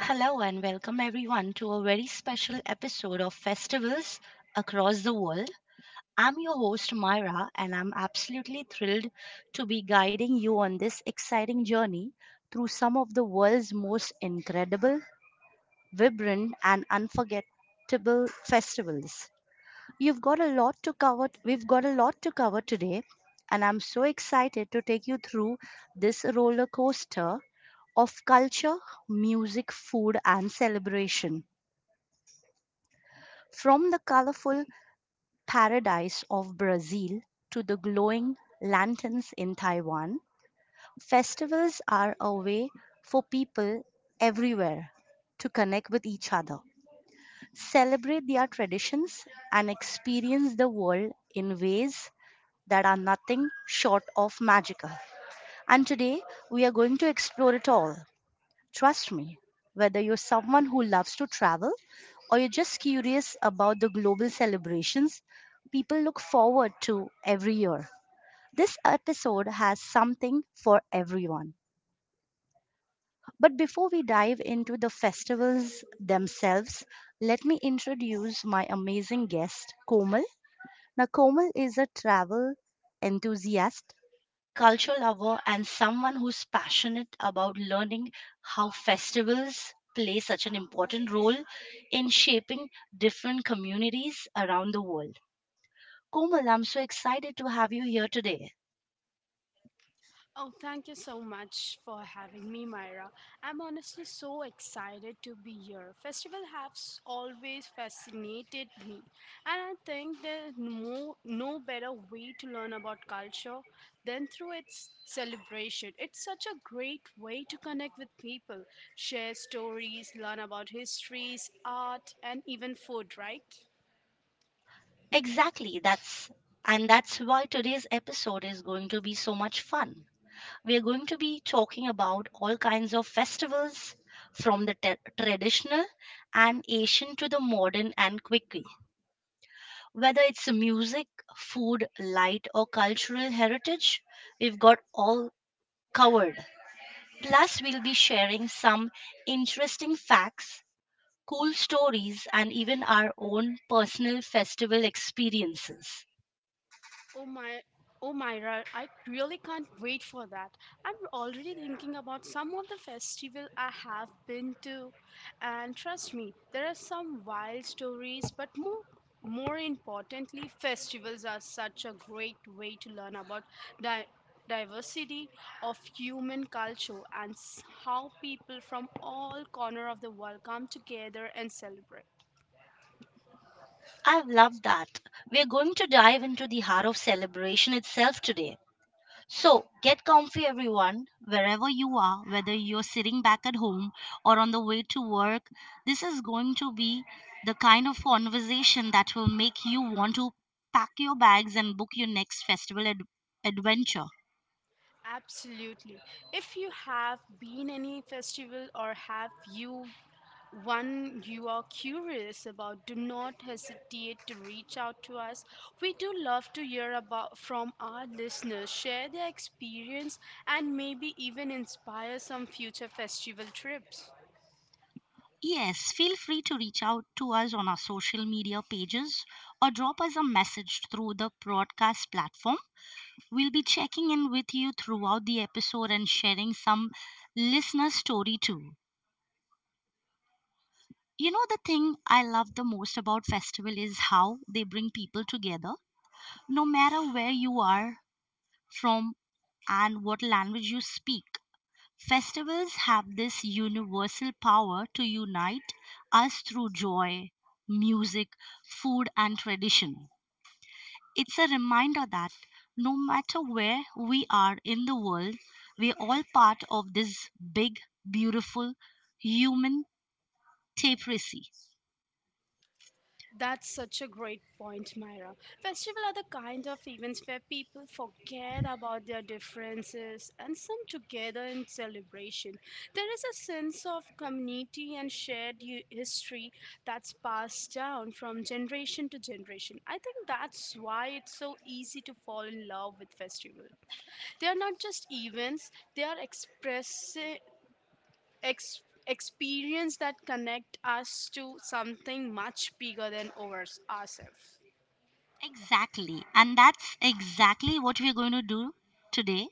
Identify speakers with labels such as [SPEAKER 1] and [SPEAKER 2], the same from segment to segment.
[SPEAKER 1] Hello and welcome everyone to a very special episode of Festivals Across the World. I'm your host Myra and I'm absolutely thrilled to be guiding you on this exciting journey through some of the world's most incredible, vibrant and unforgettable festivals. You've got a lot to cover we've got a lot to cover today and I'm so excited to take you through this roller coaster of culture, music, food and celebration. From the colorful paradise of Brazil to the glowing lanterns in Taiwan, festivals are a way for people everywhere to connect with each other, celebrate their traditions, and experience the world in ways that are nothing short of magical. And today, we are going to explore it all. Trust me, whether you're someone who loves to travel, or you're just curious about the global celebrations people look forward to every year. This episode has something for everyone. But before we dive into the festivals themselves, let me introduce my amazing guest, Komal. Now, Komal is a travel enthusiast culture lover, and someone who's passionate about learning how festivals play such an important role in shaping different communities around the world. Komal, I'm so excited to have you here today.
[SPEAKER 2] Oh, thank you so much for having me, Myra. I'm honestly so excited to be here. Festival has always fascinated me, and I think there's no better way to learn about culture than through its celebration. It's such a great way to connect with people, share stories, learn about histories, art, and even food, right?
[SPEAKER 1] Exactly, that's and that's why today's episode is going to be so much fun. We are going to be talking about all kinds of festivals from the traditional and Asian to the modern and quick. Whether it's music, food, light, or cultural heritage, we've got all covered. Plus, we'll be sharing some interesting facts, cool stories, and even our own personal festival experiences.
[SPEAKER 2] Oh my, oh Myra, I really can't wait for that. I'm already thinking about some of the festival I have been to, and trust me, there are some wild stories, but more importantly, festivals are such a great way to learn about di- diversity of human culture and how people from all corner of the world come together and celebrate.
[SPEAKER 1] I've loved that. We're going to dive into the heart of celebration itself today. So, get comfy, everyone, wherever you are, whether you're sitting back at home or on the way to work. This is going to be the kind of conversation that will make you want to pack your bags and book your next festival adventure.
[SPEAKER 2] Absolutely. If you have been any festival or have you one you are curious about, do not hesitate to reach out to us. We do love to hear about from our listeners, share their experience and maybe even inspire some future festival trips.
[SPEAKER 1] Yes, feel free to reach out to us on our social media pages or drop us a message through the broadcast platform. We'll be checking in with you throughout the episode and sharing some listener story too. You know, the thing I love the most about festival is how they bring people together, no matter where you are from and what language you speak. Festivals have this universal power to unite us through joy, music, food, and tradition. It's a reminder that no matter where we are in the world, we're all part of this big, beautiful human tapestry.
[SPEAKER 2] That's such a great point, Myra. Festivals are the kind of events where people forget about their differences and come together in celebration. There is a sense of community and shared history that's passed down from generation to generation. I think that's why it's so easy to fall in love with festivals. They are not just events; they are ex- experience that connect us to something much bigger than ourselves.
[SPEAKER 1] Exactly. And that's exactly what we're going to do today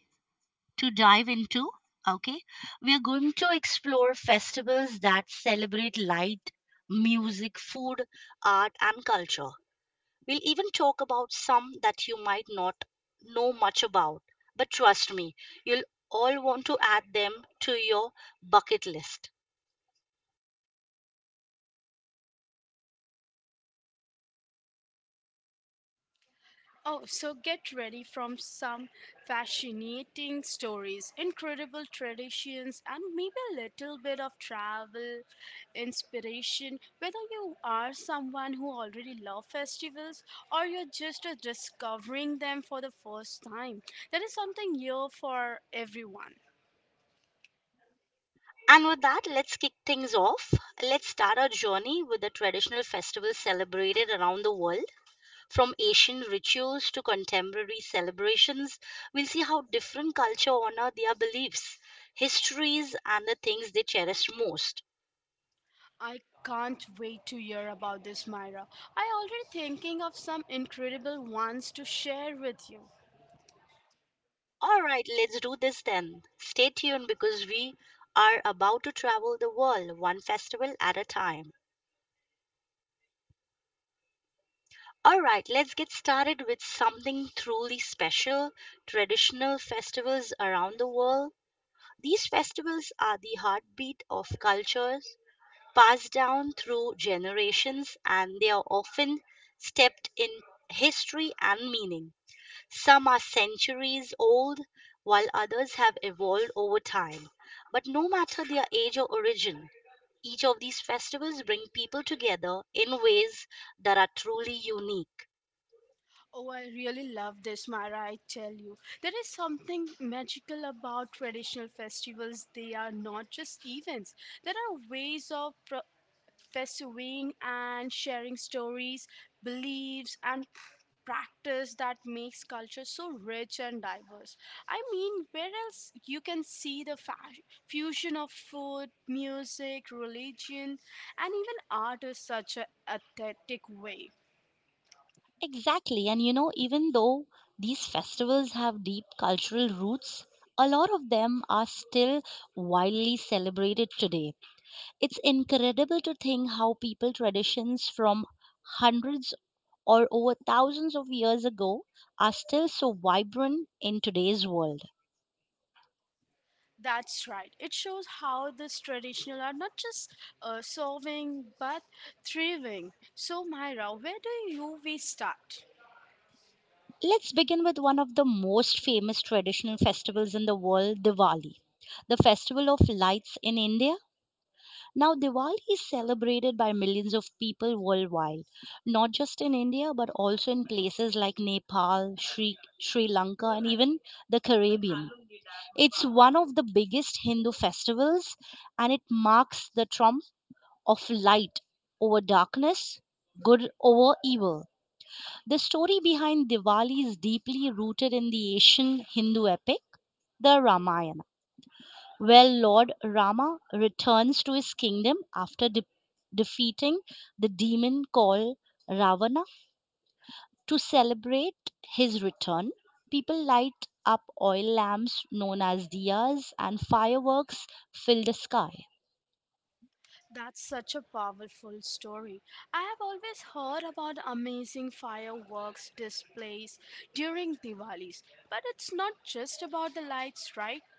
[SPEAKER 1] to dive into. Okay. We are going to explore festivals that celebrate light, music, food, art, and culture. We'll even talk about some that you might not know much about, but trust me, you'll all want to add them to your bucket list.
[SPEAKER 2] Oh, so get ready from some fascinating stories, incredible traditions, and maybe a little bit of travel inspiration. Whether you are someone who already loves festivals or you're just discovering them for the first time, there is something here for everyone.
[SPEAKER 1] And with that, let's kick things off. Let's start our journey with the traditional festivals celebrated around the world, from ancient rituals to contemporary celebrations. We'll see how different culture honor their beliefs, histories, and the things they cherish most.
[SPEAKER 2] I can't wait to hear about this, Myra. I already thinking of some incredible ones to share with you.
[SPEAKER 1] All right, let's do this then. Stay tuned because we are about to travel the world one festival at a time. All right, let's get started with something truly special, traditional festivals around the world. These festivals are the heartbeat of cultures passed down through generations and they are often steeped in history and meaning. Some are centuries old, while others have evolved over time. But no matter their age or origin, each of these festivals bring people together in ways that are truly unique.
[SPEAKER 2] Oh, I really love this, Myra, I tell you. There is something magical about traditional festivals. They are not just events. There are ways of pursuing and sharing stories, beliefs, and practice that makes culture so rich and diverse. I mean, where else you can see the fusion of food, music, religion, and even art in such a authentic way.
[SPEAKER 1] Exactly, and you know, even though these festivals have deep cultural roots, a lot of them are still widely celebrated today. It's incredible to think how people traditions from hundreds or over thousands of years ago are still so vibrant in today's world.
[SPEAKER 2] That's right. It shows how this traditional are not just solving but thriving. So, Myra, where do you we start?
[SPEAKER 1] Let's begin with one of the most famous traditional festivals in the world, Diwali. The festival of lights in India. Now, Diwali is celebrated by millions of people worldwide, not just in India, but also in places like Nepal, Sri Lanka, and even the Caribbean. It's one of the biggest Hindu festivals and it marks the triumph of light over darkness, good over evil. The story behind Diwali is deeply rooted in the ancient Hindu epic, the Ramayana, where Lord Rama returns to his kingdom after defeating the demon called Ravana. To celebrate his return, people light up oil lamps known as diyas and fireworks fill the sky.
[SPEAKER 2] That's such a powerful story. I have always heard about amazing fireworks displays during Diwalis, but it's not just about the lights, right?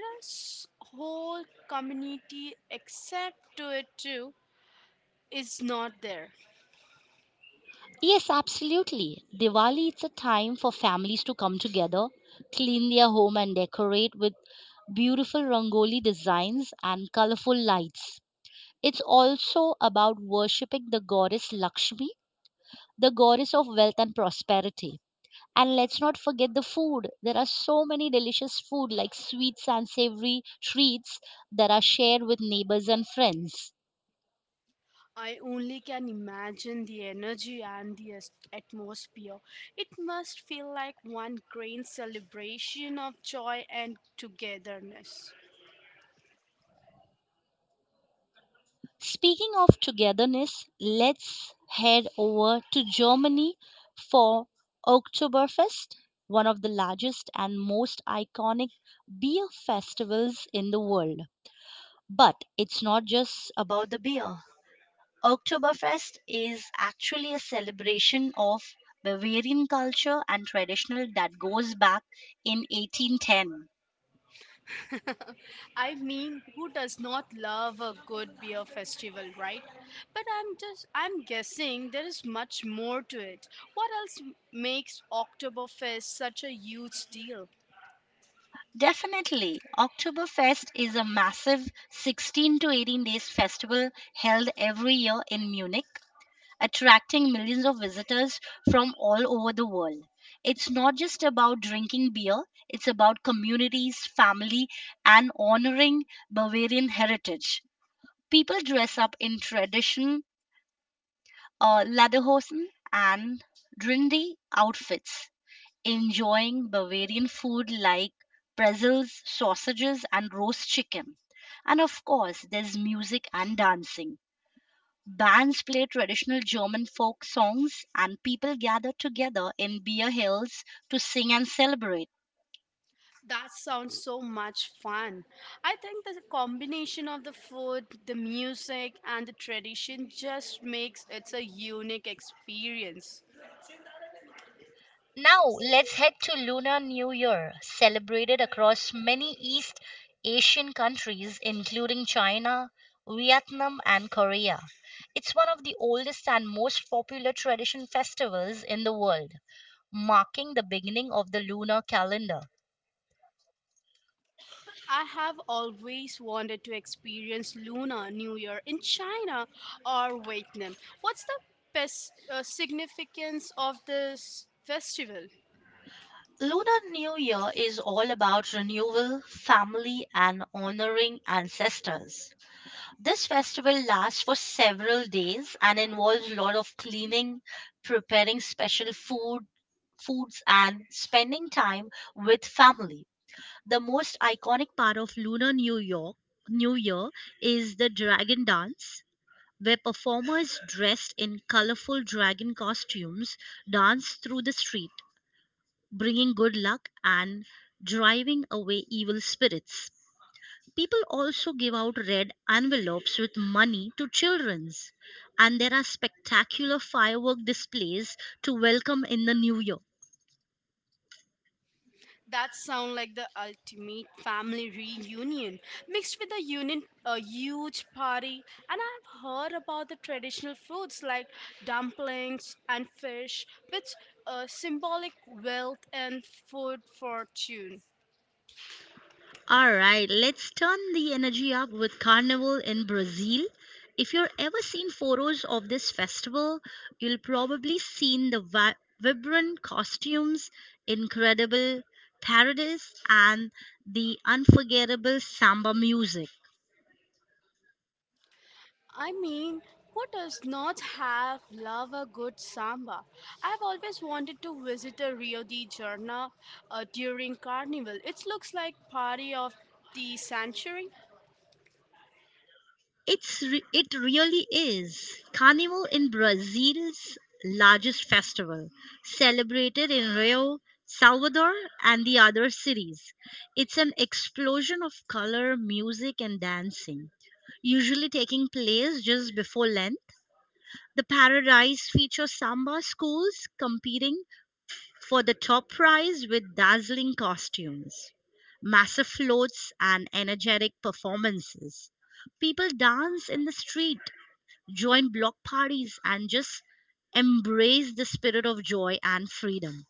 [SPEAKER 2] There are whole community except to it too is not there.
[SPEAKER 1] Yes, absolutely. Diwali it's a time for families to come together, clean their home and decorate with beautiful rangoli designs and colorful lights. It's also about worshipping the goddess Lakshmi, the goddess of wealth and prosperity. And let's not forget the food. There are so many delicious food like sweets and savory treats that are shared with neighbors and friends.
[SPEAKER 2] I only can imagine the energy and the atmosphere. It must feel like one grand celebration of joy and togetherness.
[SPEAKER 1] Speaking of togetherness, let's head over to Germany for Oktoberfest, one of the largest and most iconic beer festivals in the world. But it's not just about the beer. Oktoberfest is actually a celebration of Bavarian culture and traditional that goes back in 1810.
[SPEAKER 2] I mean, who does not love a good beer festival, right? But I'm just I'm guessing there is much more to it. What else makes Oktoberfest such a huge deal?
[SPEAKER 1] Definitely, Oktoberfest is a massive 16 to 18 days festival held every year in Munich, attracting millions of visitors from all over the world. It's not just about drinking beer, it's about communities, family, and honoring Bavarian heritage. People dress up in tradition lederhosen and trendy outfits, enjoying Bavarian food like pretzels, sausages, and roast chicken. And of course, there's music and dancing. Bands play traditional German folk songs, and people gather together in beer hills to sing and celebrate.
[SPEAKER 2] That sounds so much fun. I think the combination of the food, the music, and the tradition just makes it a unique experience.
[SPEAKER 1] Now let's head to Lunar New Year, celebrated across many East Asian countries, including China, Vietnam, and Korea. It's one of the oldest and most popular tradition festivals in the world, marking the beginning of the lunar calendar.
[SPEAKER 2] I have always wanted to experience Lunar New Year in China or Vietnam. What's the best significance of this festival?
[SPEAKER 1] Lunar New Year is all about renewal, family, and honoring ancestors. This festival lasts for several days and involves a lot of cleaning, preparing special foods and spending time with family. The most iconic part of Lunar New York New Year is the dragon dance where performers dressed in colorful dragon costumes dance through the street, bringing good luck and driving away evil spirits. People also give out red envelopes with money to children's, and there are spectacular firework displays to welcome in the new year.
[SPEAKER 2] That sound like the ultimate family reunion mixed with a union a huge party and I've heard about the traditional foods like dumplings and fish which symbolic wealth and food fortune.
[SPEAKER 1] All right, let's turn the energy up with Carnival in Brazil. If you're ever seen photos of this festival, you'll probably seen the vibrant costumes, incredible parades, and the unforgettable samba music.
[SPEAKER 2] I mean, who does not have love a good samba? I've always wanted to visit a Rio de Janeiro during Carnival. It looks like party of the century.
[SPEAKER 1] It really is. Carnival in Brazil's largest festival, celebrated in Rio, Salvador, and the other cities. It's an explosion of color, music, and dancing. Usually taking place just before Lent, the paradise features samba schools competing for the top prize with dazzling costumes, massive floats, and energetic performances. People dance in the street join block parties, and just embrace the spirit of joy and freedom.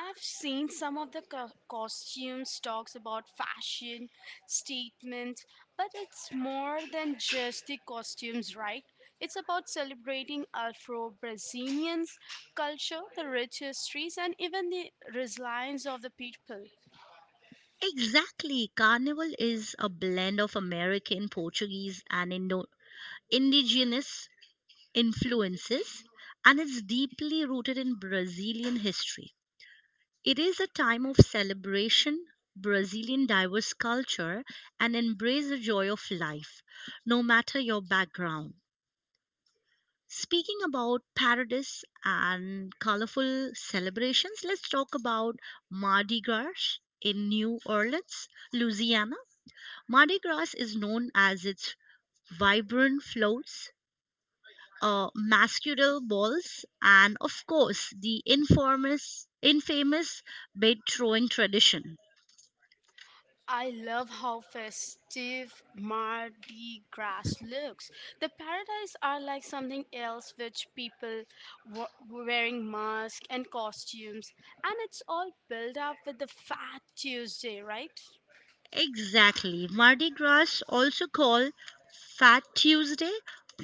[SPEAKER 2] I've seen some of the costumes talks about fashion statements, but it's more than just the costumes, right? It's about celebrating Afro-Brazilians culture, the rich histories, and even the resilience of the people.
[SPEAKER 1] Exactly. Carnival is a blend of American, Portuguese, and indigenous influences, and it's deeply rooted in Brazilian history. It is a time of celebration, Brazilian diverse culture, and embrace the joy of life, no matter your background. Speaking about parades and colorful celebrations, let's talk about Mardi Gras in New Orleans, Louisiana. Mardi Gras is known as its vibrant floats, masquerade balls, and of course, the infamous bait throwing tradition.
[SPEAKER 2] I love how festive Mardi Gras looks. The paradise are like something else, which people wearing masks and costumes, and it's all built up with the Fat Tuesday, right?
[SPEAKER 1] Exactly. Mardi Gras, also called Fat Tuesday,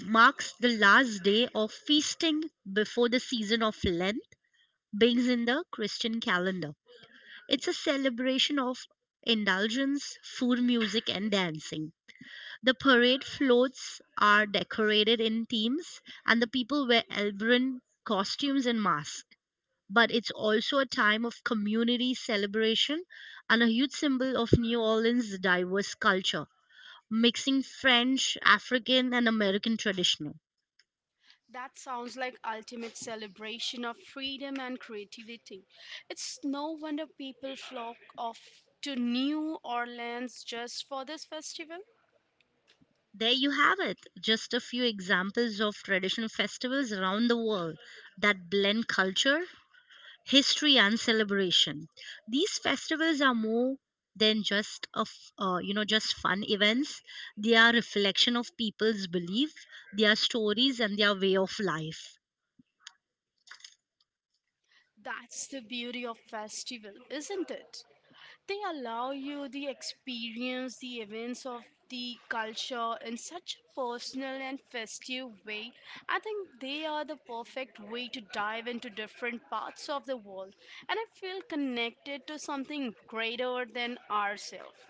[SPEAKER 1] marks the last day of feasting before the season of Lent begins in the Christian calendar. It's a celebration of indulgence, food, music, and dancing. The parade floats are decorated in themes, and the people wear elaborate costumes and masks. But it's also a time of community celebration and a huge symbol of New Orleans' diverse culture mixing French, African, and American traditional.
[SPEAKER 2] That sounds like ultimate celebration of freedom and creativity. It's no wonder people flock off to New Orleans just for this festival.
[SPEAKER 1] There you have it, just a few examples of traditional festivals around the world that blend culture, history, and celebration. These festivals are more than just of you know just fun events, they are reflection of people's belief, their stories and their way of life.
[SPEAKER 2] That's the beauty of festival, isn't it? They allow you the experience, the events of the culture in such a personal and festive way. I think they are the perfect way to dive into different parts of the world, and I feel connected to something greater than ourselves.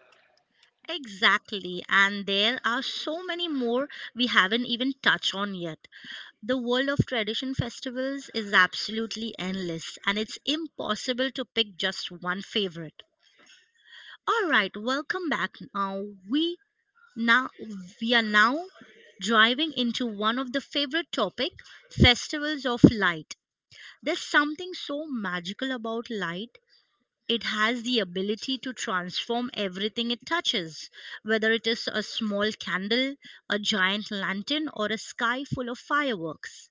[SPEAKER 1] Exactly, and there are so many more we haven't even touched on yet. The world of tradition festivals is absolutely endless, and it's impossible to pick just one favorite. All right, welcome back. Now we are now driving into one of the favorite topic, festivals of light. There's something so magical about light. It has the ability to transform everything it touches, whether it is a small candle, a giant lantern, or a sky full of fireworks.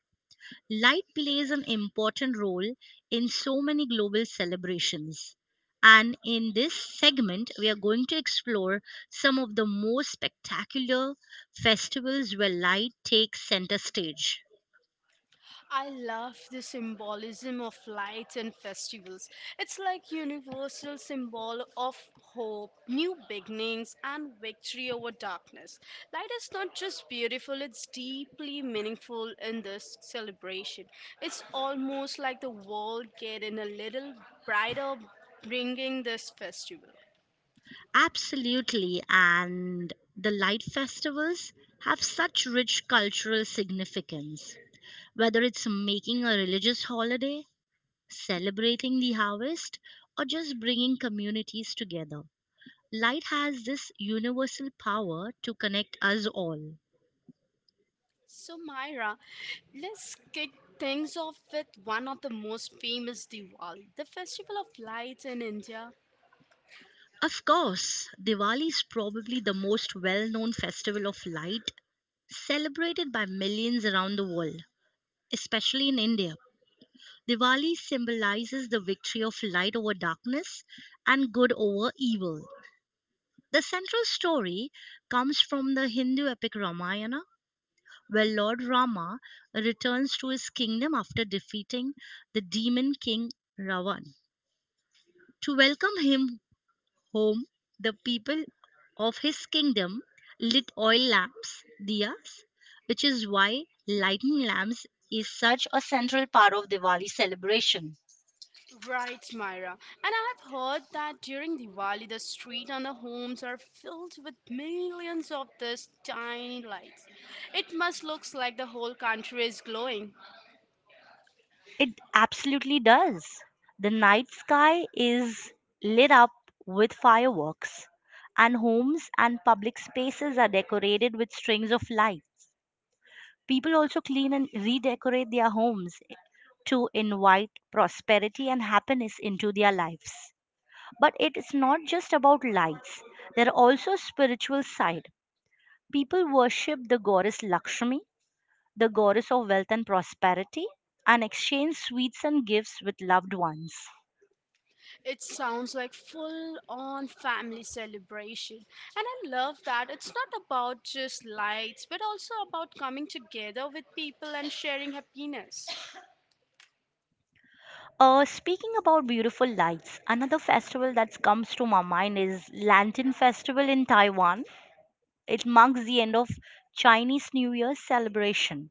[SPEAKER 1] Light plays an important role in so many global celebrations. And in this segment, we are going to explore some of the most spectacular festivals where light takes center stage.
[SPEAKER 2] I love the symbolism of lights and festivals. It's like universal symbol of hope, new beginnings and victory over darkness. Light is not just beautiful, it's deeply meaningful in this celebration. It's almost like the world getting a little brighter bringing this festival.
[SPEAKER 1] Absolutely. And the light festivals have such rich cultural significance. Whether it's making a religious holiday, celebrating the harvest, or just bringing communities together. Light has this universal power to connect us all.
[SPEAKER 2] So Myra, let's kick things off with one of the most famous Diwali, the festival of lights in India.
[SPEAKER 1] Of course, Diwali is probably the most well known festival of light, celebrated by millions around the world, especially in India. Diwali symbolizes the victory of light over darkness and good over evil. The central story comes from the Hindu epic Ramayana, where Lord Rama returns to his kingdom after defeating the demon king Ravan. To welcome him home, the people of his kingdom lit oil lamps, diyas, which is why lighting lamps is such a central part of Diwali celebration.
[SPEAKER 2] Right, Myra. And I have heard that during Diwali, the street and the homes are filled with millions of these tiny lights. It must looks like the whole country is glowing.
[SPEAKER 1] It absolutely does. The night sky is lit up with fireworks, and homes and public spaces are decorated with strings of light. People also clean and redecorate their homes to invite prosperity and happiness into their lives. But it's not just about lights. There are also spiritual side. People worship the goddess Lakshmi, the goddess of wealth and prosperity, and exchange sweets and gifts with loved ones.
[SPEAKER 2] It sounds like full-on family celebration. And I love that it's not about just lights, but also about coming together with people and sharing happiness.
[SPEAKER 1] Speaking about beautiful lights, another festival that comes to my mind is Lantern Festival in Taiwan. It marks the end of Chinese New Year celebration,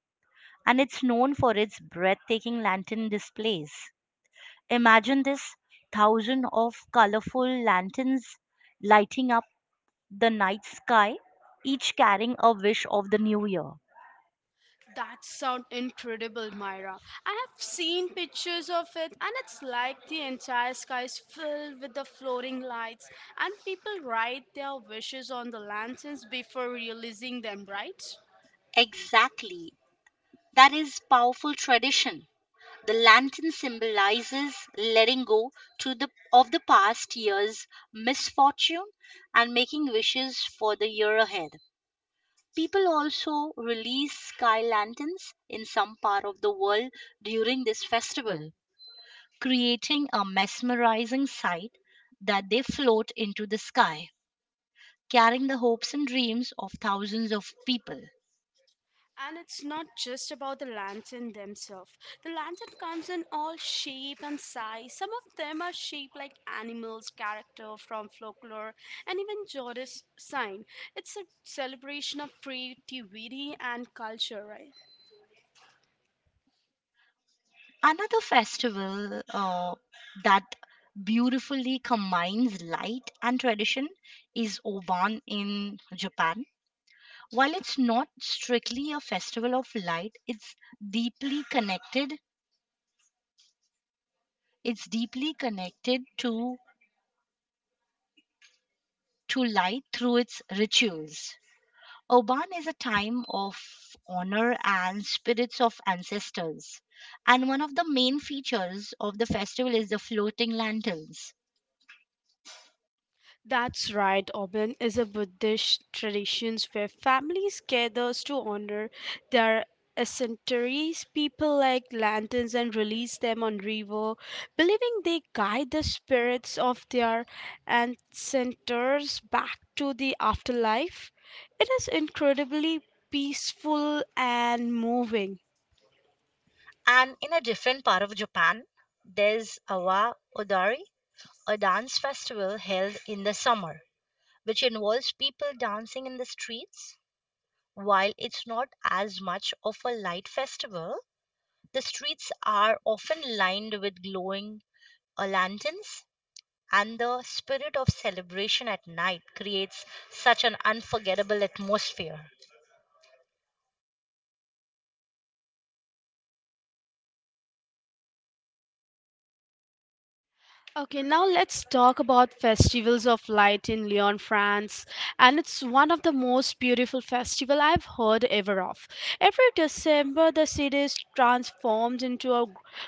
[SPEAKER 1] and it's known for its breathtaking lantern displays. Imagine this thousand of colorful lanterns lighting up the night sky, each carrying a wish of the new year.
[SPEAKER 2] That sounds incredible, Myra. I have seen pictures of it, and it's like the entire sky is filled with the floating lights, and people write their wishes on the lanterns before releasing them, right?
[SPEAKER 1] Exactly. That is powerful tradition. The lantern symbolizes letting go to the of the past year's misfortune and making wishes for the year ahead. People also release sky lanterns in some part of the world during this festival, creating a mesmerizing sight that they float into the sky, carrying the hopes and dreams of thousands of people.
[SPEAKER 2] And it's not just about the lantern themselves. The lantern comes in all shape and size. Some of them are shaped like animals, character from folklore, and even Jordan's sign. It's a celebration of creativity and culture, right?
[SPEAKER 1] Another festival that beautifully combines light and tradition is Oban in Japan. While it's not strictly a festival of light, it's deeply connected. It's deeply connected to light through its rituals. Oban is a time of honor and spirits of ancestors. And one of the main features of the festival is the floating lanterns.
[SPEAKER 2] That's right, Oban is a Buddhist tradition where families gathers to honor their ascentaries, people light lanterns and release them on river, believing they guide the spirits of their ancestors back to the afterlife. It is incredibly peaceful and moving.
[SPEAKER 1] And in a different part of Japan, there's Awa Odari, a dance festival held in the summer, which involves people dancing in the streets. While it's not as much of a light festival, the streets are often lined with glowing lanterns, and the spirit of celebration at night creates such an unforgettable atmosphere.
[SPEAKER 2] Okay, now let's talk about Festivals of Light in Lyon, France. And it's one of the most beautiful festival I've heard ever of. Every December, the city is transformed into a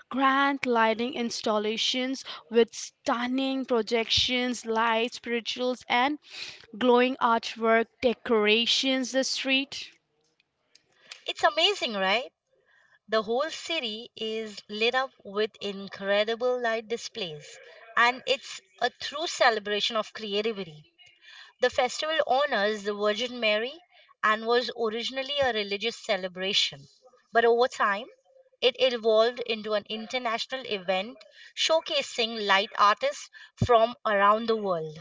[SPEAKER 2] grand lighting installations with stunning projections, lights, spirituals, and glowing artwork decorations the street.
[SPEAKER 1] It's amazing, right? The whole city is lit up with incredible light displays, and it's a true celebration of creativity. The festival honors the Virgin Mary and was originally a religious celebration, but over time, it evolved into an international event showcasing light artists from around the world.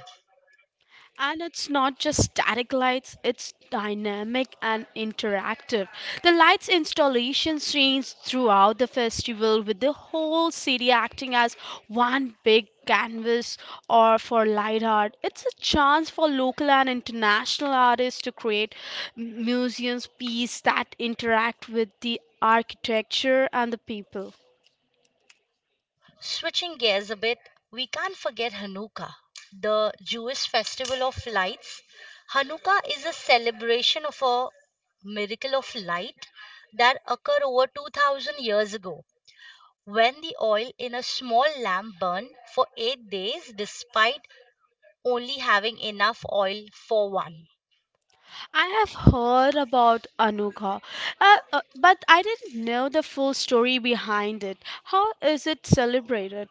[SPEAKER 2] And it's not just static lights, it's dynamic and interactive. The lights installations change throughout the festival with the whole city acting as one big canvas or for light art. It's a chance for local and international artists to create museums piece that interact with the architecture and the people.
[SPEAKER 1] Switching gears a bit, we can't forget Hanukkah, the Jewish festival of lights. Hanukkah is a celebration of a miracle of light that occurred over 2000 years ago, when the oil in a small lamp burned for 8 days despite only having enough oil for one.
[SPEAKER 2] I have heard about Anuga, but I didn't know the full story behind it. How is it celebrated?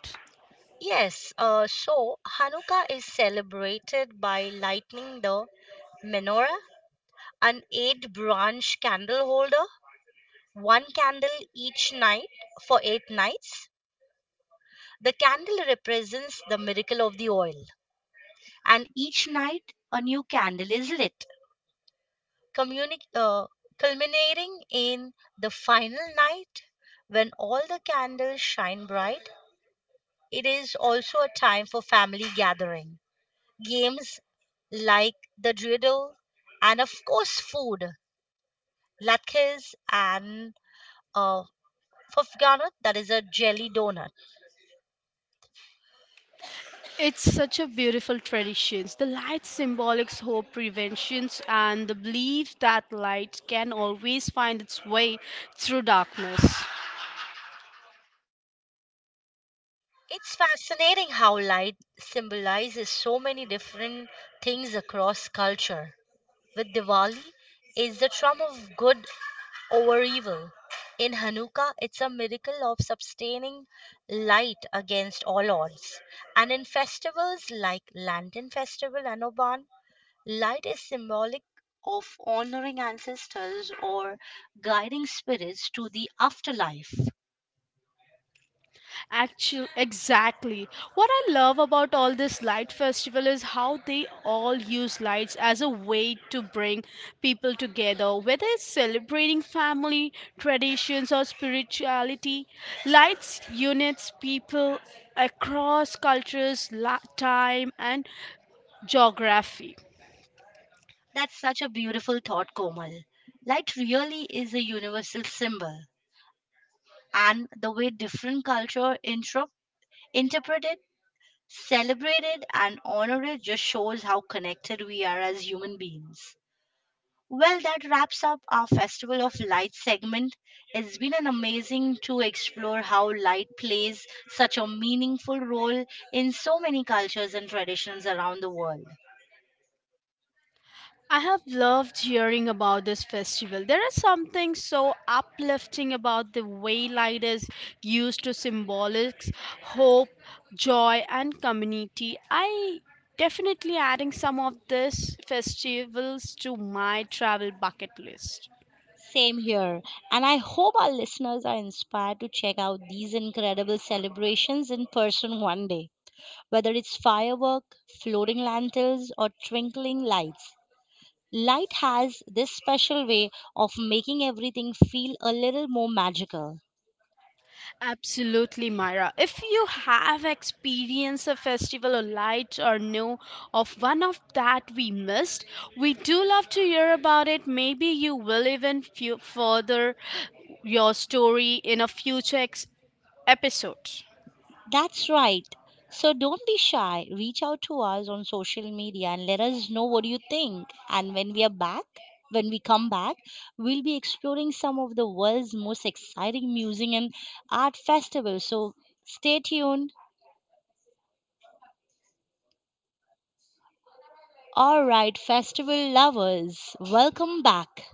[SPEAKER 1] Yes, so Hanukkah is celebrated by lighting the menorah, an eight branch candle holder, one candle each night for 8 nights. The candle represents the miracle of the oil, and each night a new candle is lit, communi- uh, culminating in the final night when all the candles shine bright. It is also a time for family gathering, games like the dreidel, and of course, food, latkes, and uh, fufganot, that is a jelly donut.
[SPEAKER 2] It's such a beautiful tradition. The light symbolics hope preventions and the belief that light can always find its way through darkness.
[SPEAKER 1] It's fascinating how light symbolizes so many different things across culture. With Diwali, it's the triumph of good over evil. In Hanukkah, it's a miracle of sustaining light against all odds. And in festivals like Lantern Festival and Oban, light is symbolic of honoring ancestors or guiding spirits to the afterlife.
[SPEAKER 2] Exactly. What I love about all this light festival is how they all use lights as a way to bring people together. Whether it's celebrating family, traditions, or spirituality, lights unites people across cultures, time, and geography.
[SPEAKER 1] That's such a beautiful thought, Komal. Light really is a universal symbol, and the way different cultures interpret it, celebrate it, and honor it just shows how connected we are as human beings. Well, that wraps up our Festival of Light segment. It's been an amazing to explore how light plays such a meaningful role in so many cultures and traditions around the world.
[SPEAKER 2] I have loved hearing about this festival. There is something so uplifting about the way light is used to symbolics, hope, joy, and community. I definitely adding some of these festivals to my travel bucket list.
[SPEAKER 1] Same here. And I hope our listeners are inspired to check out these incredible celebrations in person one day, whether it's firework, floating lanterns, or twinkling lights. Light has this special way of making everything feel a little more magical.
[SPEAKER 2] Absolutely, Myra. If you have experienced a festival or light or know of one of that we missed, we do love to hear about it. Maybe you will even further your story in a future episode.
[SPEAKER 1] That's right. So don't be shy. Reach out to us on social media and let us know what you think. And when we come back, we'll be exploring some of the world's most exciting music and art festivals. So stay tuned. All right, festival lovers, welcome back.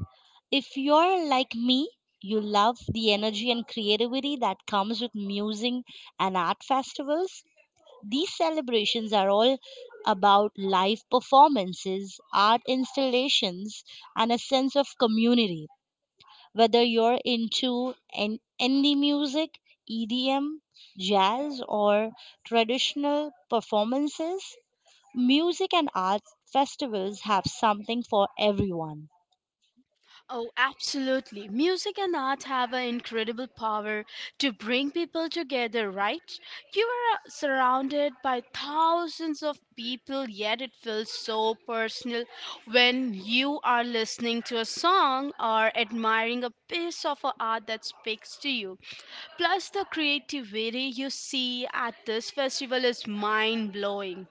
[SPEAKER 1] If you're like me, you love the energy and creativity that comes with music and art festivals. These celebrations are all about live performances, art installations, and a sense of community. Whether you're into an indie music, EDM, jazz, or traditional performances, music and art festivals have something for everyone.
[SPEAKER 2] Oh, absolutely. Music and art have an incredible power to bring people together, right? You are surrounded by thousands of people, yet it feels so personal when you are listening to a song or admiring a piece of art that speaks to you. Plus, the creativity you see at this festival is mind blowing.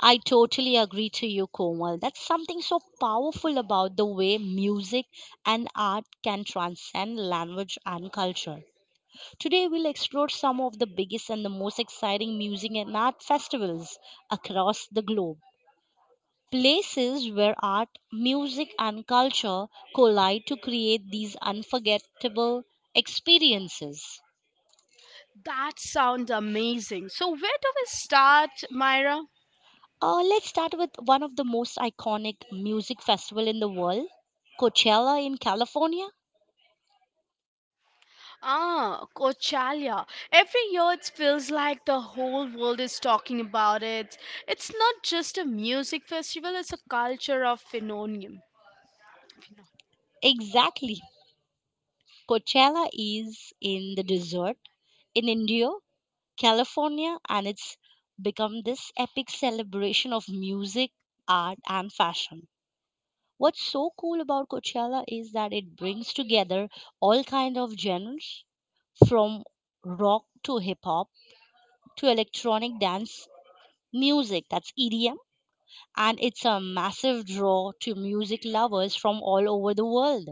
[SPEAKER 1] I totally agree to you, Komal. That's something so powerful about the way music and art can transcend language and culture. Today, we'll explore some of the biggest and the most exciting music and art festivals across the globe. Places where art, music, and culture collide to create these unforgettable experiences.
[SPEAKER 2] That sounds amazing. So, where do we start, Myra?
[SPEAKER 1] Let's start with one of the most iconic music festival in the world, Coachella in California.
[SPEAKER 2] Ah, Coachella. Every year it feels like the whole world is talking about it. It's not just a music festival, it's a culture of phenomenon.
[SPEAKER 1] Exactly. Coachella is in the desert in India California, and it's become this epic celebration of music, art, and fashion. What's so cool about Coachella is that it brings together all kind of genres, from rock to hip hop to electronic dance music, that's EDM, and it's a massive draw to music lovers from all over the world.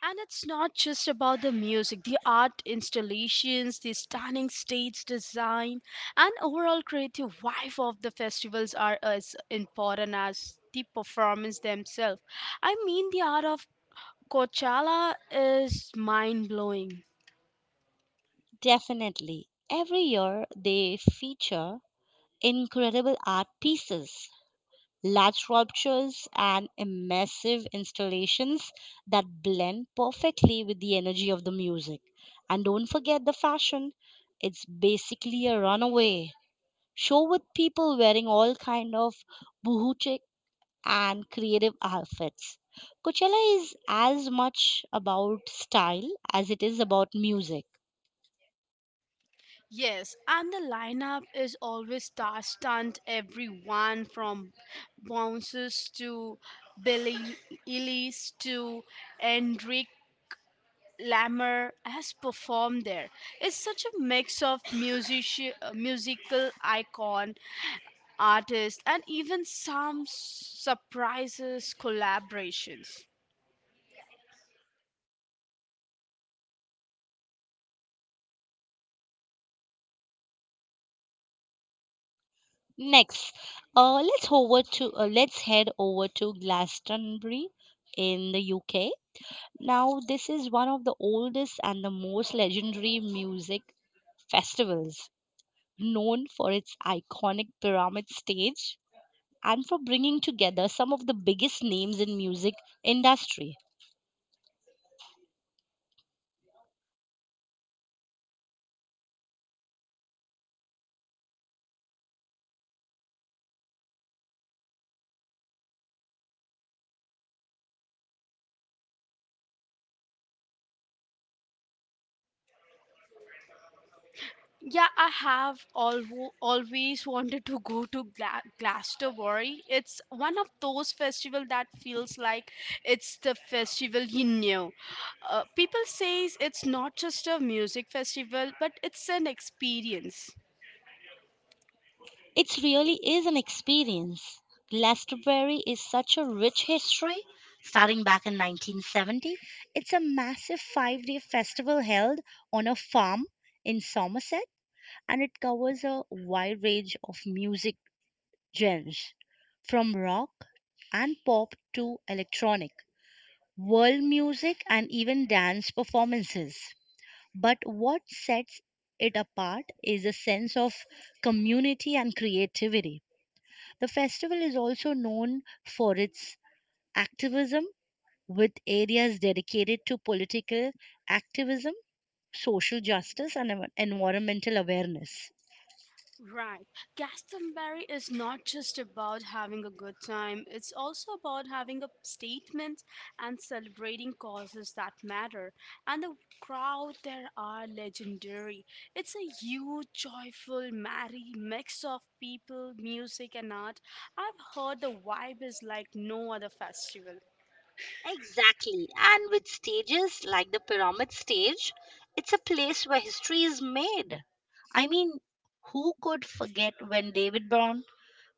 [SPEAKER 2] And it's not just about the music, the art installations, the stunning stage design, and overall creative vibe of the festivals are as important as the performance themselves. I mean, the art of Coachella is mind blowing.
[SPEAKER 1] Definitely. Every year they feature incredible art pieces, large sculptures, and immersive installations that blend perfectly with the energy of the music. And don't forget the fashion. It's basically a runaway show with people wearing all kind of boutique and creative outfits. Coachella is as much about style as it is about music.
[SPEAKER 2] Yes, and the lineup is always star stunt everyone from Bounces to Billy Ellis to Enric Lammer has performed there. It's such a mix of music, musical icon, artist, and even some surprises collaborations.
[SPEAKER 1] Next, let's head over to Glastonbury in the UK. Now, this is one of the oldest and the most legendary music festivals, known for its iconic pyramid stage and for bringing together some of the biggest names in music industry.
[SPEAKER 2] Yeah, I have alwo always wanted to go to Glastonbury. It's one of those festival that feels like it's the festival you knew. People says it's not just a music festival, but it's an experience.
[SPEAKER 1] It really is an experience. Glastonbury is such a rich history. Starting back in 1970, it's a massive 5-day festival held on a farm in Somerset, and it covers a wide range of music genres from rock and pop to electronic, world music, and even dance performances. But what sets it apart is a sense of community and creativity. The festival is also known for its activism, with areas dedicated to political activism, social justice, and environmental awareness.
[SPEAKER 2] Right. Glastonbury is not just about having a good time, it's also about having a statement and celebrating causes that matter. And the crowd there are legendary. It's a huge, joyful, merry mix of people, music, and art. I've heard the vibe is like no other festival.
[SPEAKER 1] Exactly. And with stages like the pyramid stage, it's a place where history is made. I mean, who could forget when David Brown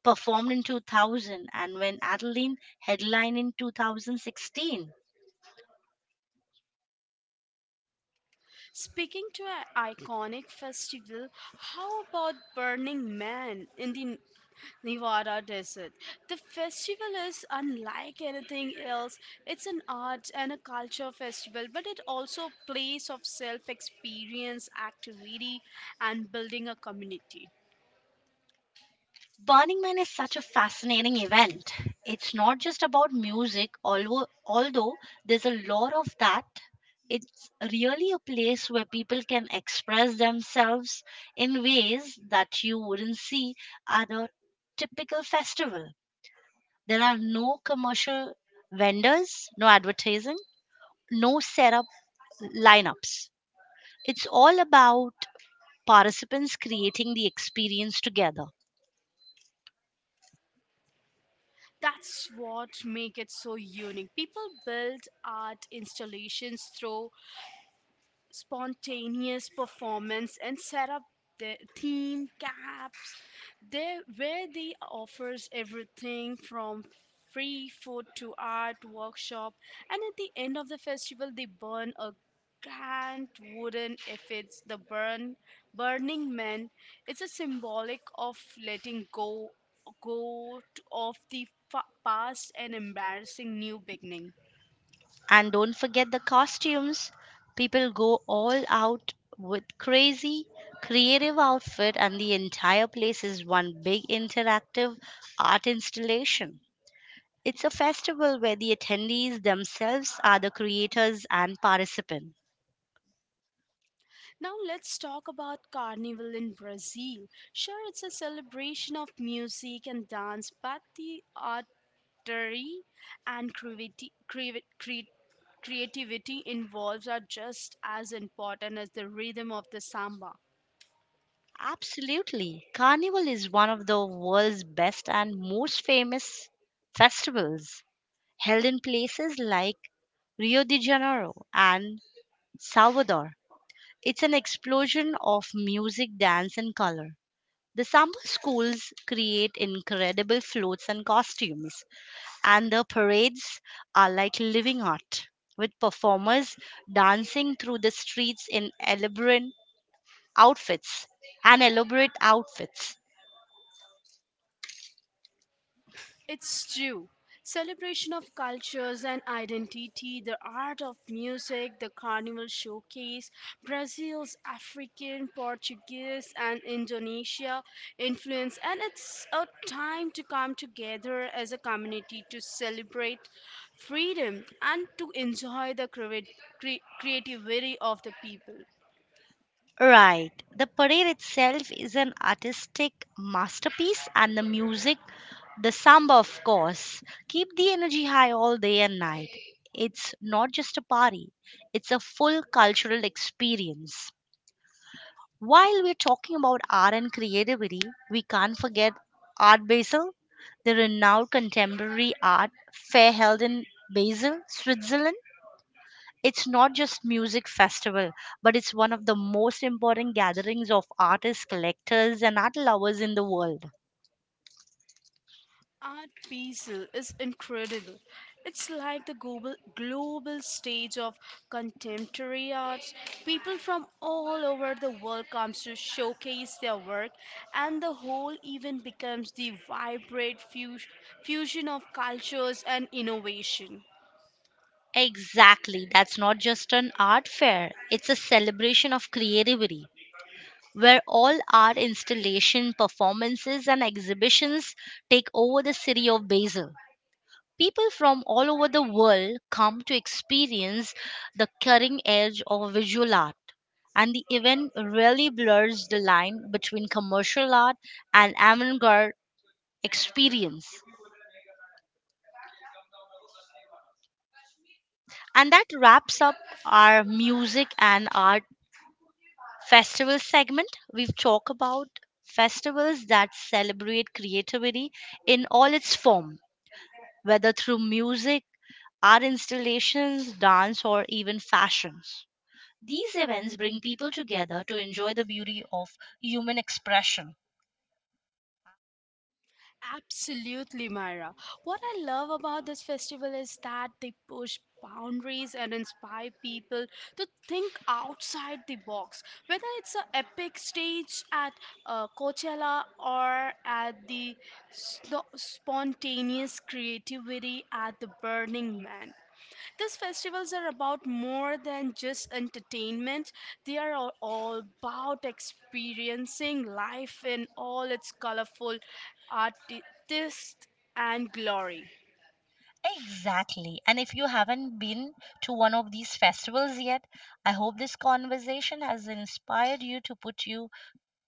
[SPEAKER 1] performed in 2000 and when Adeline headlined in 2016?
[SPEAKER 2] Speaking to an iconic festival, how about Burning Man in the Nevada Desert. The festival is unlike anything else. It's an art and a culture festival, but it also a place of self experience, activity, and building a community.
[SPEAKER 1] Burning Man is such a fascinating event. It's not just about music, although there's a lot of that. It's really a place where people can express themselves in ways that you wouldn't see at a typical festival. There are no commercial vendors, no advertising, no setup lineups. It's all about participants creating the experience together.
[SPEAKER 2] That's what make it so unique. People build art installations through spontaneous performance and set up the theme caps there where they offers everything from free food to art workshop, and at the end of the festival they burn a grand wooden effigy. The burn Burning Man, it's a symbolic of letting go of the past and embarrassing new beginning.
[SPEAKER 1] And don't forget the costumes. People go all out with crazy, creative outfit, and the entire place is one big interactive art installation. It's a festival where the attendees themselves are the creators and participants.
[SPEAKER 2] Now let's talk about Carnival in Brazil. Sure, it's a celebration of music and dance, but the artery and creativity involved are just as important as the rhythm of the samba.
[SPEAKER 1] Absolutely. Carnival is one of the world's best and most famous festivals, held in places like Rio de Janeiro and Salvador. It's an explosion of music, dance, and color. The summer schools create incredible floats and costumes, and the parades are like living art, with performers dancing through the streets in elaborate outfits and elaborate outfits.
[SPEAKER 2] It's true. Celebration of cultures and identity, the art of music, the carnival showcase, Brazil's African, Portuguese, and Indonesia influence, and it's a time to come together as a community to celebrate freedom and to enjoy the creativity of the people.
[SPEAKER 1] Right. The parade itself is an artistic masterpiece, and the music, the samba, of course, keep the energy high all day and night. It's not just a party; it's a full cultural experience. While we're talking about art and creativity, we can't forget Art Basel, the renowned contemporary art fair held in Basel, Switzerland. It's not just music festival, but it's one of the most important gatherings of artists, collectors, and art lovers in the world.
[SPEAKER 2] Art Basel is incredible. It's like the global stage of contemporary arts. People from all over the world come to showcase their work, and the whole event becomes the vibrant fusion of cultures and innovation.
[SPEAKER 1] Exactly. That's not just an art fair. It's a celebration of creativity where all art installation performances and exhibitions take over the city of Basel. People from all over the world come to experience the cutting edge of visual art, and the event really blurs the line between commercial art and avant-garde experience. And that wraps up our music and art festival segment. We've talked about festivals that celebrate creativity in all its form, whether through music, art installations, dance, or even fashions. These events bring people together to enjoy the beauty of human expression.
[SPEAKER 2] Absolutely, Myra. What I love about this festival is that they push boundaries and inspire people to think outside the box. Whether it's an epic stage at Coachella or at the spontaneous creativity at the Burning Man, these festivals are about more than just entertainment. They are all about experiencing life in all its colorful artist and glory.
[SPEAKER 1] Exactly. And if you haven't been to one of these festivals yet, I hope this conversation has inspired you to put you,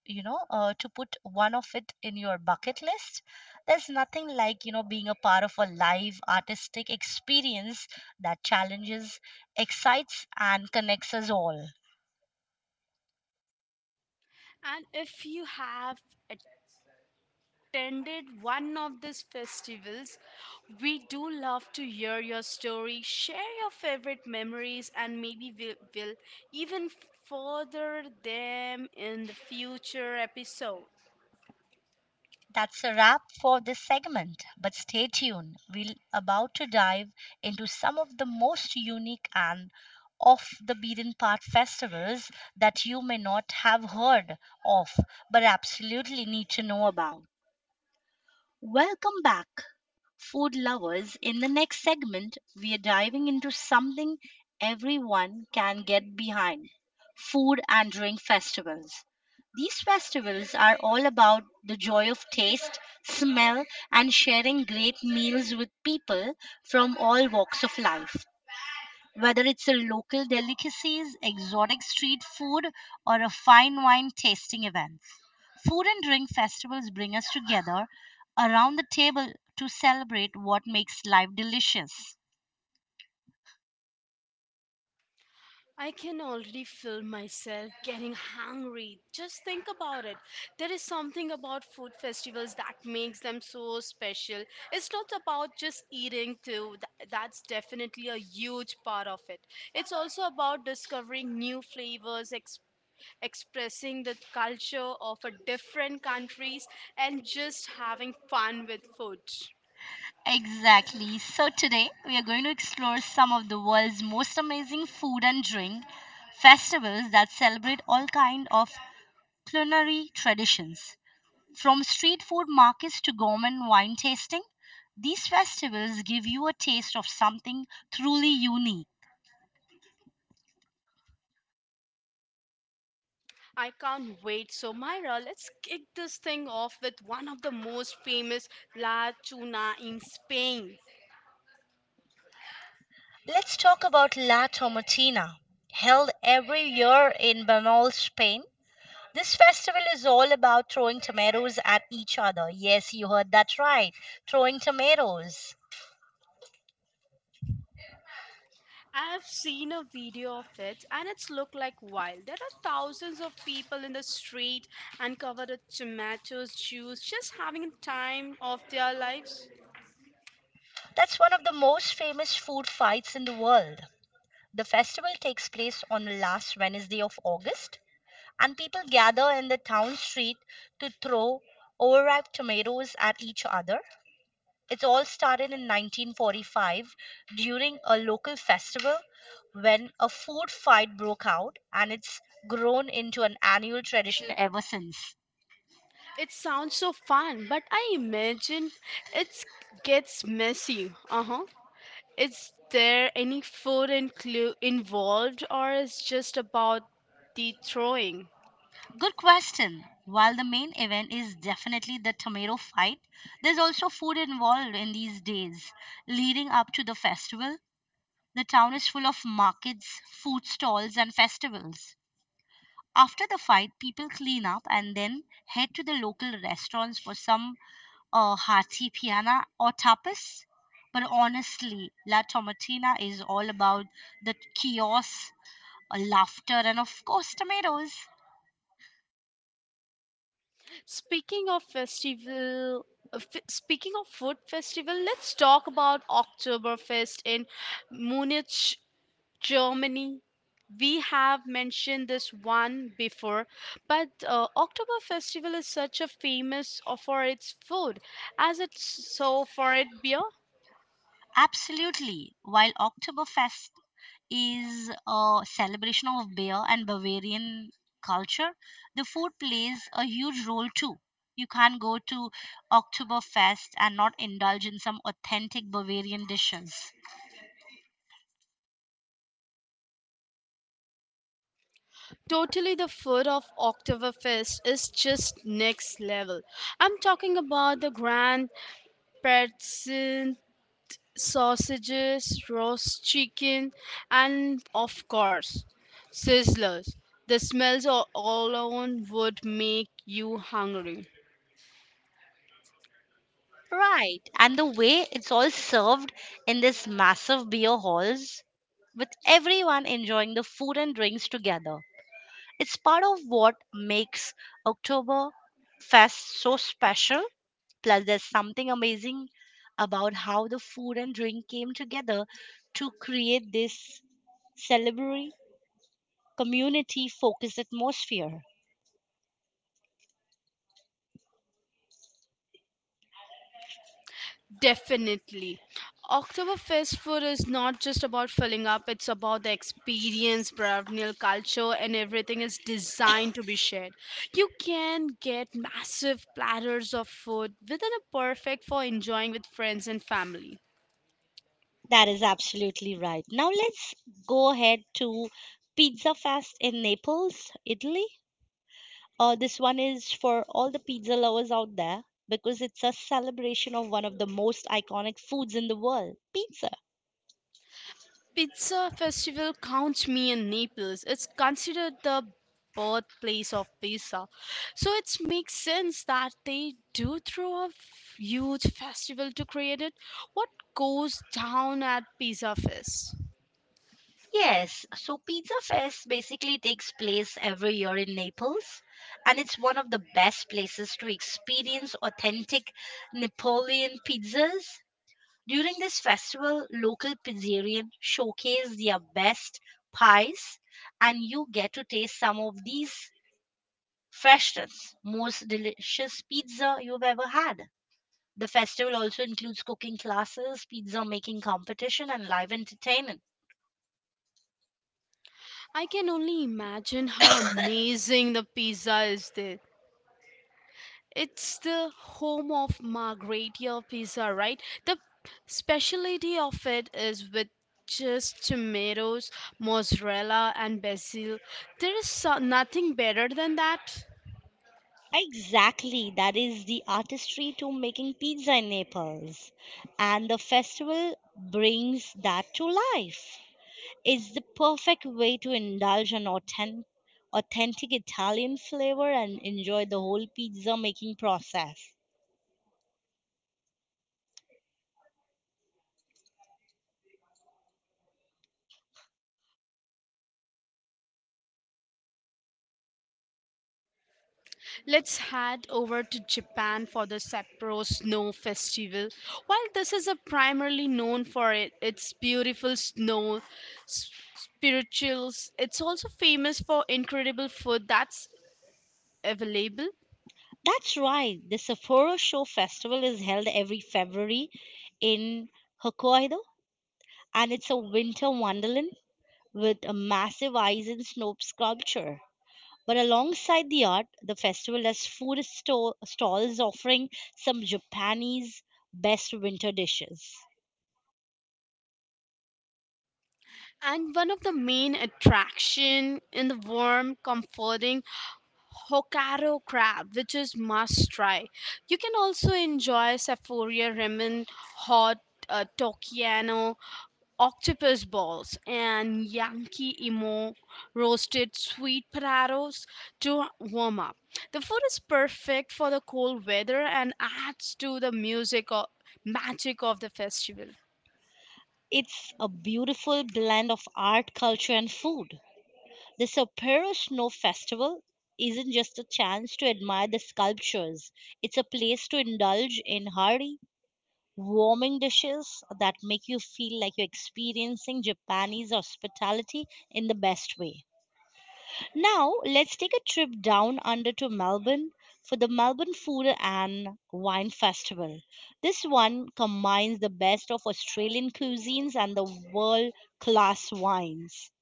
[SPEAKER 1] you know, uh, to put one of it in your bucket list. There's nothing like, being a part of a live artistic experience that challenges, excites, and connects us all.
[SPEAKER 2] And if you have attended one of these festivals, we do love to hear your story, share your favorite memories, and maybe we'll even further them in the future episode.
[SPEAKER 1] That's a wrap for this segment, but stay tuned. We're about to dive into some of the most unique and off the beaten path festivals that you may not have heard of but absolutely need to know about. Welcome back food lovers. In the next segment, we are diving into something everyone can get behind: food and drink festivals. These festivals are all about the joy of taste, smell, and sharing great meals with people from all walks of life. Whether it's a local delicacies, exotic street food, or a fine wine tasting event, food and drink festivals bring us together around the table to celebrate what makes life delicious.
[SPEAKER 2] I can already feel myself getting hungry. Just think about it. There is something about food festivals that makes them so special. It's not about just eating, too. That's definitely a huge part of it. It's also about discovering new flavors, expressing the culture of a different countries, and just having fun with food.
[SPEAKER 1] Exactly. So today we are going to explore some of the world's most amazing food and drink festivals that celebrate all kind of culinary traditions. From street food markets to gourmet wine tasting, these festivals give you a taste of something truly unique.
[SPEAKER 2] I can't wait. So, Myra, let's kick this thing off with one of the most famous La Tuna in Spain.
[SPEAKER 1] Let's talk about La Tomatina, held every year in Banal, Spain. This festival is all about throwing tomatoes at each other. Yes, you heard that right. Throwing tomatoes.
[SPEAKER 2] I've seen a video of it and it's looked like wild. There are thousands of people in the street and covered with tomatoes, juice, just having a time of their lives.
[SPEAKER 1] That's one of the most famous food fights in the world. The festival takes place on the last Wednesday of August and people gather in the town street to throw overripe tomatoes at each other. It all started in 1945 during a local festival when a food fight broke out, and it's grown into an annual tradition ever since.
[SPEAKER 2] It sounds so fun, but I imagine it gets messy. Uh huh. Is there any food involved or is just about the throwing?
[SPEAKER 1] Good question. While the main event is definitely the tomato fight, there's also food involved in these days leading up to the festival. The town is full of markets, food stalls, and festivals. After the fight, people clean up and then head to the local restaurants for some hearty piana or tapas. But honestly, La Tomatina is all about the chaos, laughter, and of course, tomatoes.
[SPEAKER 2] Speaking of festival speaking of food festival, let's talk about Oktoberfest in Munich, Germany. We have mentioned this one before, but Oktober Festival is such a famous for its food as it's so for its beer.
[SPEAKER 1] Absolutely. While Oktoberfest is a celebration of beer and Bavarian culture, the food plays a huge role too. You can't go to Oktoberfest and not indulge in some authentic Bavarian dishes.
[SPEAKER 2] Totally, the food of Oktoberfest is just next level. I'm talking about the grand pretzel, sausages, roast chicken, and of course, sizzlers. The smells alone would make you hungry.
[SPEAKER 1] Right. And the way it's all served in this massive beer halls with everyone enjoying the food and drinks together. It's part of what makes Oktoberfest so special. Plus, there's something amazing about how the food and drink came together to create this celebratory, community focused atmosphere.
[SPEAKER 2] Definitely. Oktoberfest food is not just about filling up, it's about the experience, baronial culture, and everything is designed to be shared. You can get massive platters of food within a perfect for enjoying with friends and family.
[SPEAKER 1] That is absolutely right. Now, let's go ahead to Pizza Fest in Naples, Italy. This one is for all the pizza lovers out there because it's a celebration of one of the most iconic foods in the world: pizza.
[SPEAKER 2] Pizza festival counts me in Naples. It's considered the birthplace of pizza. So it makes sense that they do throw a huge festival to create it. What goes down at Pizza Fest?
[SPEAKER 1] Yes, so Pizza Fest basically takes place every year in Naples, and it's one of the best places to experience authentic Napoleon pizzas. During this festival, local pizzerian showcase their best pies, and you get to taste some of these freshest, most delicious pizza you've ever had. The festival also includes cooking classes, pizza making competition, and live entertainment.
[SPEAKER 2] I can only imagine how amazing the pizza is there. It's the home of Margherita pizza, right? The specialty of it is with just tomatoes, mozzarella, and basil. There is nothing better than that.
[SPEAKER 1] Exactly, that is the artistry to making pizza in Naples. And the festival brings that to life. It's the perfect way to indulge an authentic Italian flavor and enjoy the whole pizza making process.
[SPEAKER 2] Let's head over to Japan for the Sapporo Snow Festival. While this is a primarily known for it, its beautiful snow spirituals, it's also famous for incredible food that's available.
[SPEAKER 1] That's right, the Sapporo Show Festival is held every February in Hokkaido, and it's a winter wonderland with a massive ice and snow sculpture. But alongside the art, the festival has stalls offering some Japanese best winter dishes.
[SPEAKER 2] And one of the main attraction in the warm, comforting Hokkaido crab, which is must try. You can also enjoy Sapphire ramen, hot Tokiyano, octopus balls, and Yankee emo roasted sweet potatoes to warm up. The food is perfect for the cold weather and adds to the music or magic of the festival.
[SPEAKER 1] It's a beautiful blend of art, culture, and food. The Sapporo Snow Festival isn't just a chance to admire the sculptures, it's a place to indulge in hearty, warming dishes that make you feel like you're experiencing Japanese hospitality in the best way. Now, let's take a trip down under to Melbourne for the Melbourne Food and Wine Festival. This one combines the best of Australian cuisines and the world class wines.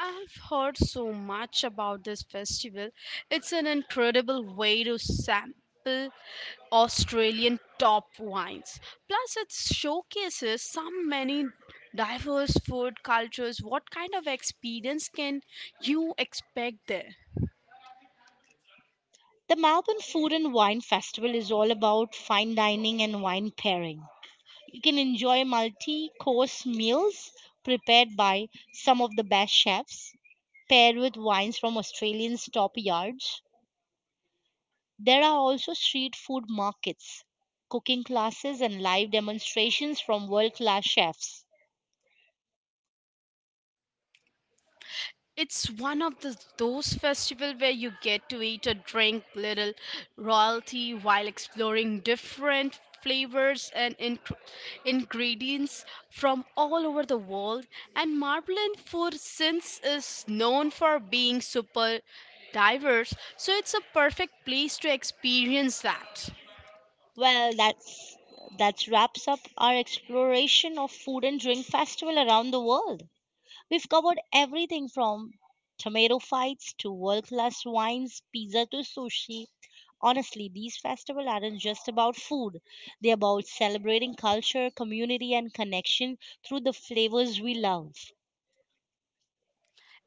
[SPEAKER 2] I've heard so much about this festival. It's an incredible way to sample Australian top wines. Plus, it showcases some many diverse food cultures. What kind of experience can you expect there?
[SPEAKER 1] The Melbourne Food and Wine Festival is all about fine dining and wine pairing. You can enjoy multi course meals prepared by some of the best chefs, paired with wines from Australians' top yards. There are also street food markets, cooking classes, and live demonstrations from world-class chefs.
[SPEAKER 2] It's one of the, those festival where you get to eat or drink little royalty while exploring different flavors and ingredients from all over the world. And Marbleland food since is known for being super diverse, so it's a perfect place to experience that.
[SPEAKER 1] Well, that wraps up our exploration of food and drink festival around the world. We've covered everything from tomato fights to world-class wines, pizza to sushi. Honestly, these festivals aren't just about food. They're about celebrating culture, community, and connection through the flavors we love.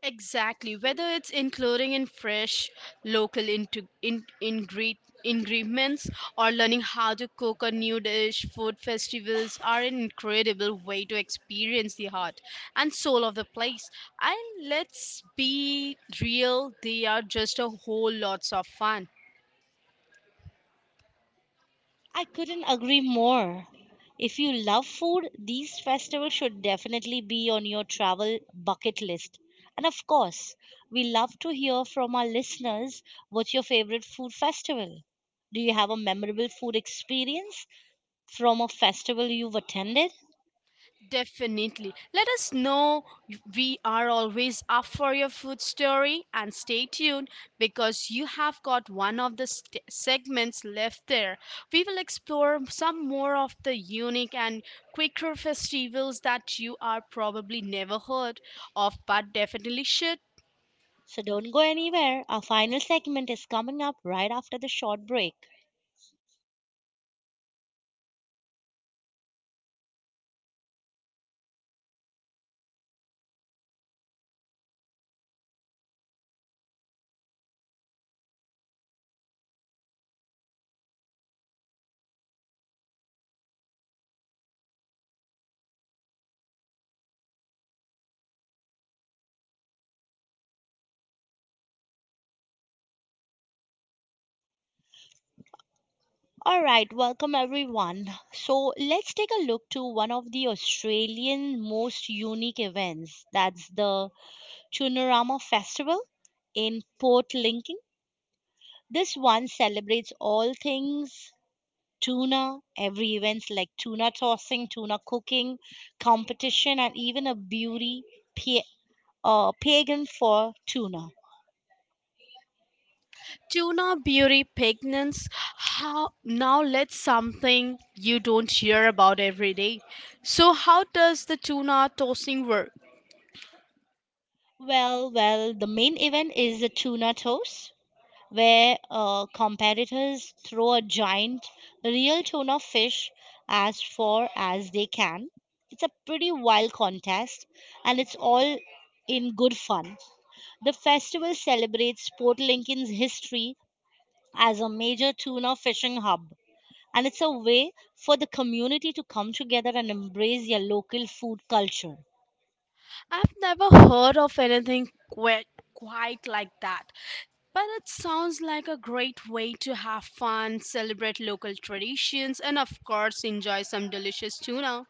[SPEAKER 2] Exactly. Whether it's including in fresh local ingredients or learning how to cook a new dish, food festivals are an incredible way to experience the heart and soul of the place. And let's be real, they are just a whole lots of fun.
[SPEAKER 1] I couldn't agree more. If you love food, these festivals should definitely be on your travel bucket list. And of course, we love to hear from our listeners: what's your favorite food festival? Do you have a memorable food experience from a festival you've attended?
[SPEAKER 2] Definitely. Let us know. We are always up for your food story and stay tuned because you have got one of the segments left there. We will explore some more of the unique and quicker festivals that you are probably never heard of but definitely should.
[SPEAKER 1] So don't go anywhere. Our final segment is coming up right after the short break. All right, welcome everyone. So let's take a look to one of the Australian most unique events. That's the Tunarama Festival in Port Lincoln. This one celebrates all things tuna, every events like tuna tossing, tuna cooking, competition, and even a pa- pagan for tuna.
[SPEAKER 2] Tuna beauty pigments. How now let's something you don't hear about every day. So how does the tuna tossing work?
[SPEAKER 1] Well, the main event is the tuna toss, where competitors throw a giant real tuna fish as far as they can. It's a pretty wild contest and it's all in good fun. The festival celebrates Port Lincoln's history as a major tuna fishing hub and it's a way for the community to come together and embrace their local food culture.
[SPEAKER 2] I've never heard of anything quite like that. But it sounds like a great way to have fun, celebrate local traditions, and of course, enjoy some delicious tuna.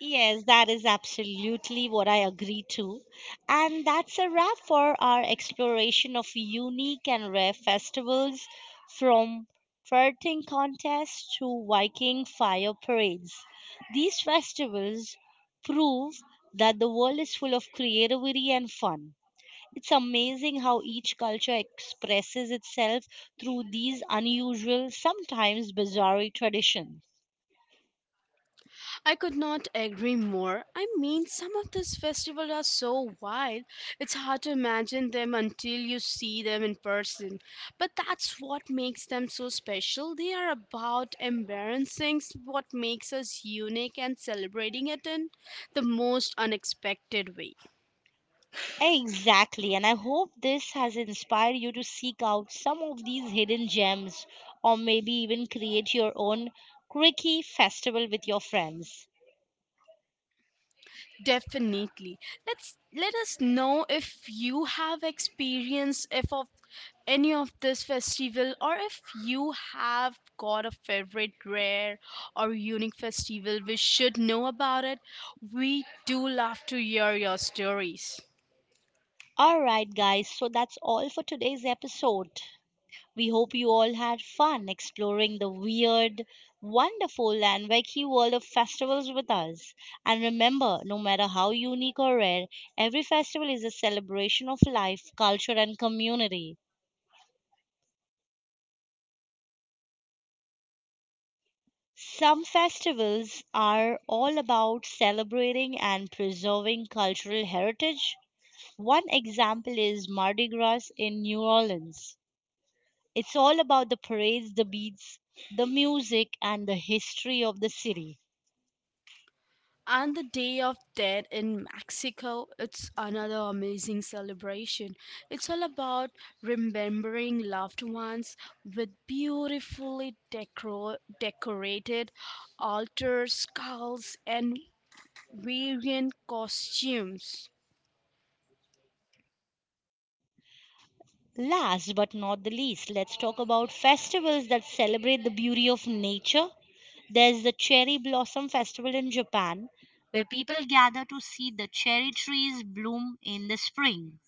[SPEAKER 1] Yes, that is absolutely what I agree to. And that's a wrap for our exploration of unique and rare festivals, from flirting contests to Viking fire parades. These festivals prove that the world is full of creativity and fun. It's amazing how each culture expresses itself through these unusual, sometimes bizarre traditions.
[SPEAKER 2] I could not agree more. I mean, some of these festivals are so wild, it's hard to imagine them until you see them in person. But that's what makes them so special. They are about embarrassing what makes us unique and celebrating it in the most unexpected way.
[SPEAKER 1] Exactly, and I hope this has inspired you to seek out some of these hidden gems or maybe even create your own quirky festival with your friends.
[SPEAKER 2] Definitely. Let's let us know if you have experience if of any of this festival or if you have got a favorite rare or unique festival we should know about it. We do love to hear your stories.
[SPEAKER 1] All right, guys, so that's all for today's episode. We hope you all had fun exploring the weird, wonderful, and wacky world of festivals with us. And remember, no matter how unique or rare, every festival is a celebration of life, culture, and community. Some festivals are all about celebrating and preserving cultural heritage. One example is Mardi Gras in New Orleans. It's all about the parades, the beats, the music, and the history of the city.
[SPEAKER 2] And the Day of Dead in Mexico, it's another amazing celebration. It's all about remembering loved ones with beautifully decorated altars, skulls, and variant costumes.
[SPEAKER 1] Last but not the least, let's talk about festivals that celebrate the beauty of nature. There's the Cherry Blossom Festival in Japan, where people gather to see the cherry trees bloom in the spring.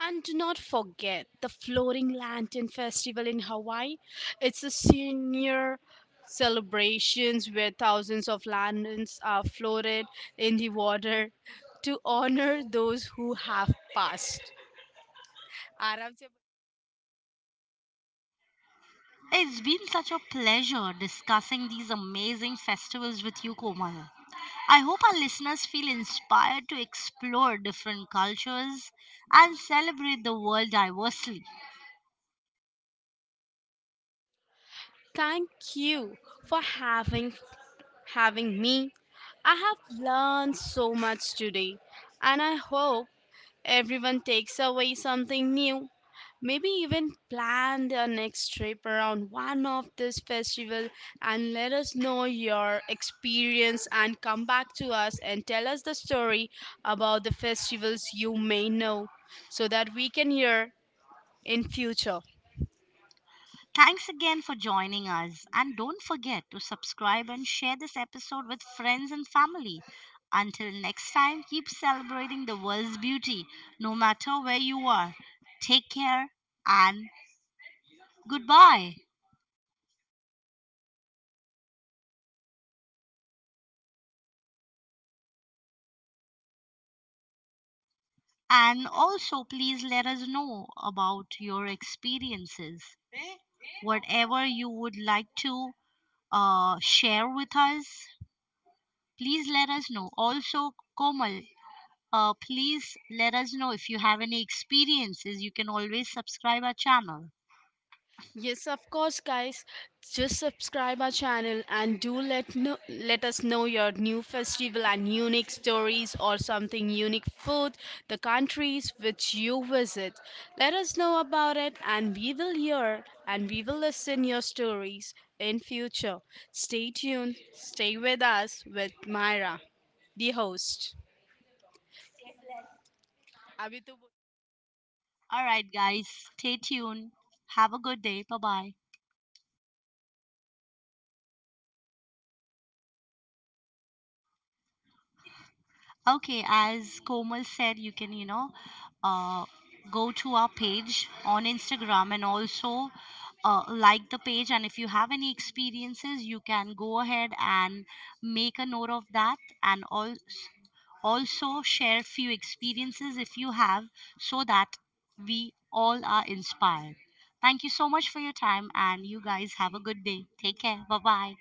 [SPEAKER 2] And do not forget the Floating Lantern Festival in Hawaii. It's a senior celebrations where thousands of lanterns are floated in the water to honor those who have passed. आराम से.
[SPEAKER 1] It's been such a pleasure discussing these amazing festivals with you, Komal. I hope our listeners feel inspired to explore different cultures and celebrate the world diversely.
[SPEAKER 2] Thank you for having me. I have learned so much today and I hope everyone takes away something new. Maybe even plan their next trip around one of this festival, and let us know your experience and come back to us and tell us the story about the festivals you may know so that we can hear in future.
[SPEAKER 1] Thanks again for joining us, and don't forget to subscribe and share this episode with friends and family. Until next time, keep celebrating the world's beauty no matter where you are. Take care and goodbye. And also, please let us know about your experiences. Whatever you would like to share with us, please let us know. Also, Komal, please let us know if you have any experiences. You can always subscribe our channel.
[SPEAKER 2] Yes, of course, guys. Just subscribe our channel and do let know, let us know your new festival and unique stories or something unique food, the countries which you visit. Let us know about it and we will hear and we will listen your stories in future. Stay tuned. Stay with us with Myra, the host. अभी तो
[SPEAKER 1] All right, guys, stay tuned. Have a good day. Bye bye. Okay, as Komal said, you can, you know, uh, go to our page on Instagram and also like the page. And if you have any experiences, you can go ahead and make a note of that and also share few experiences if you have so that we all are inspired. Thank you so much for your time, and you guys have a good day. Take care. Bye bye.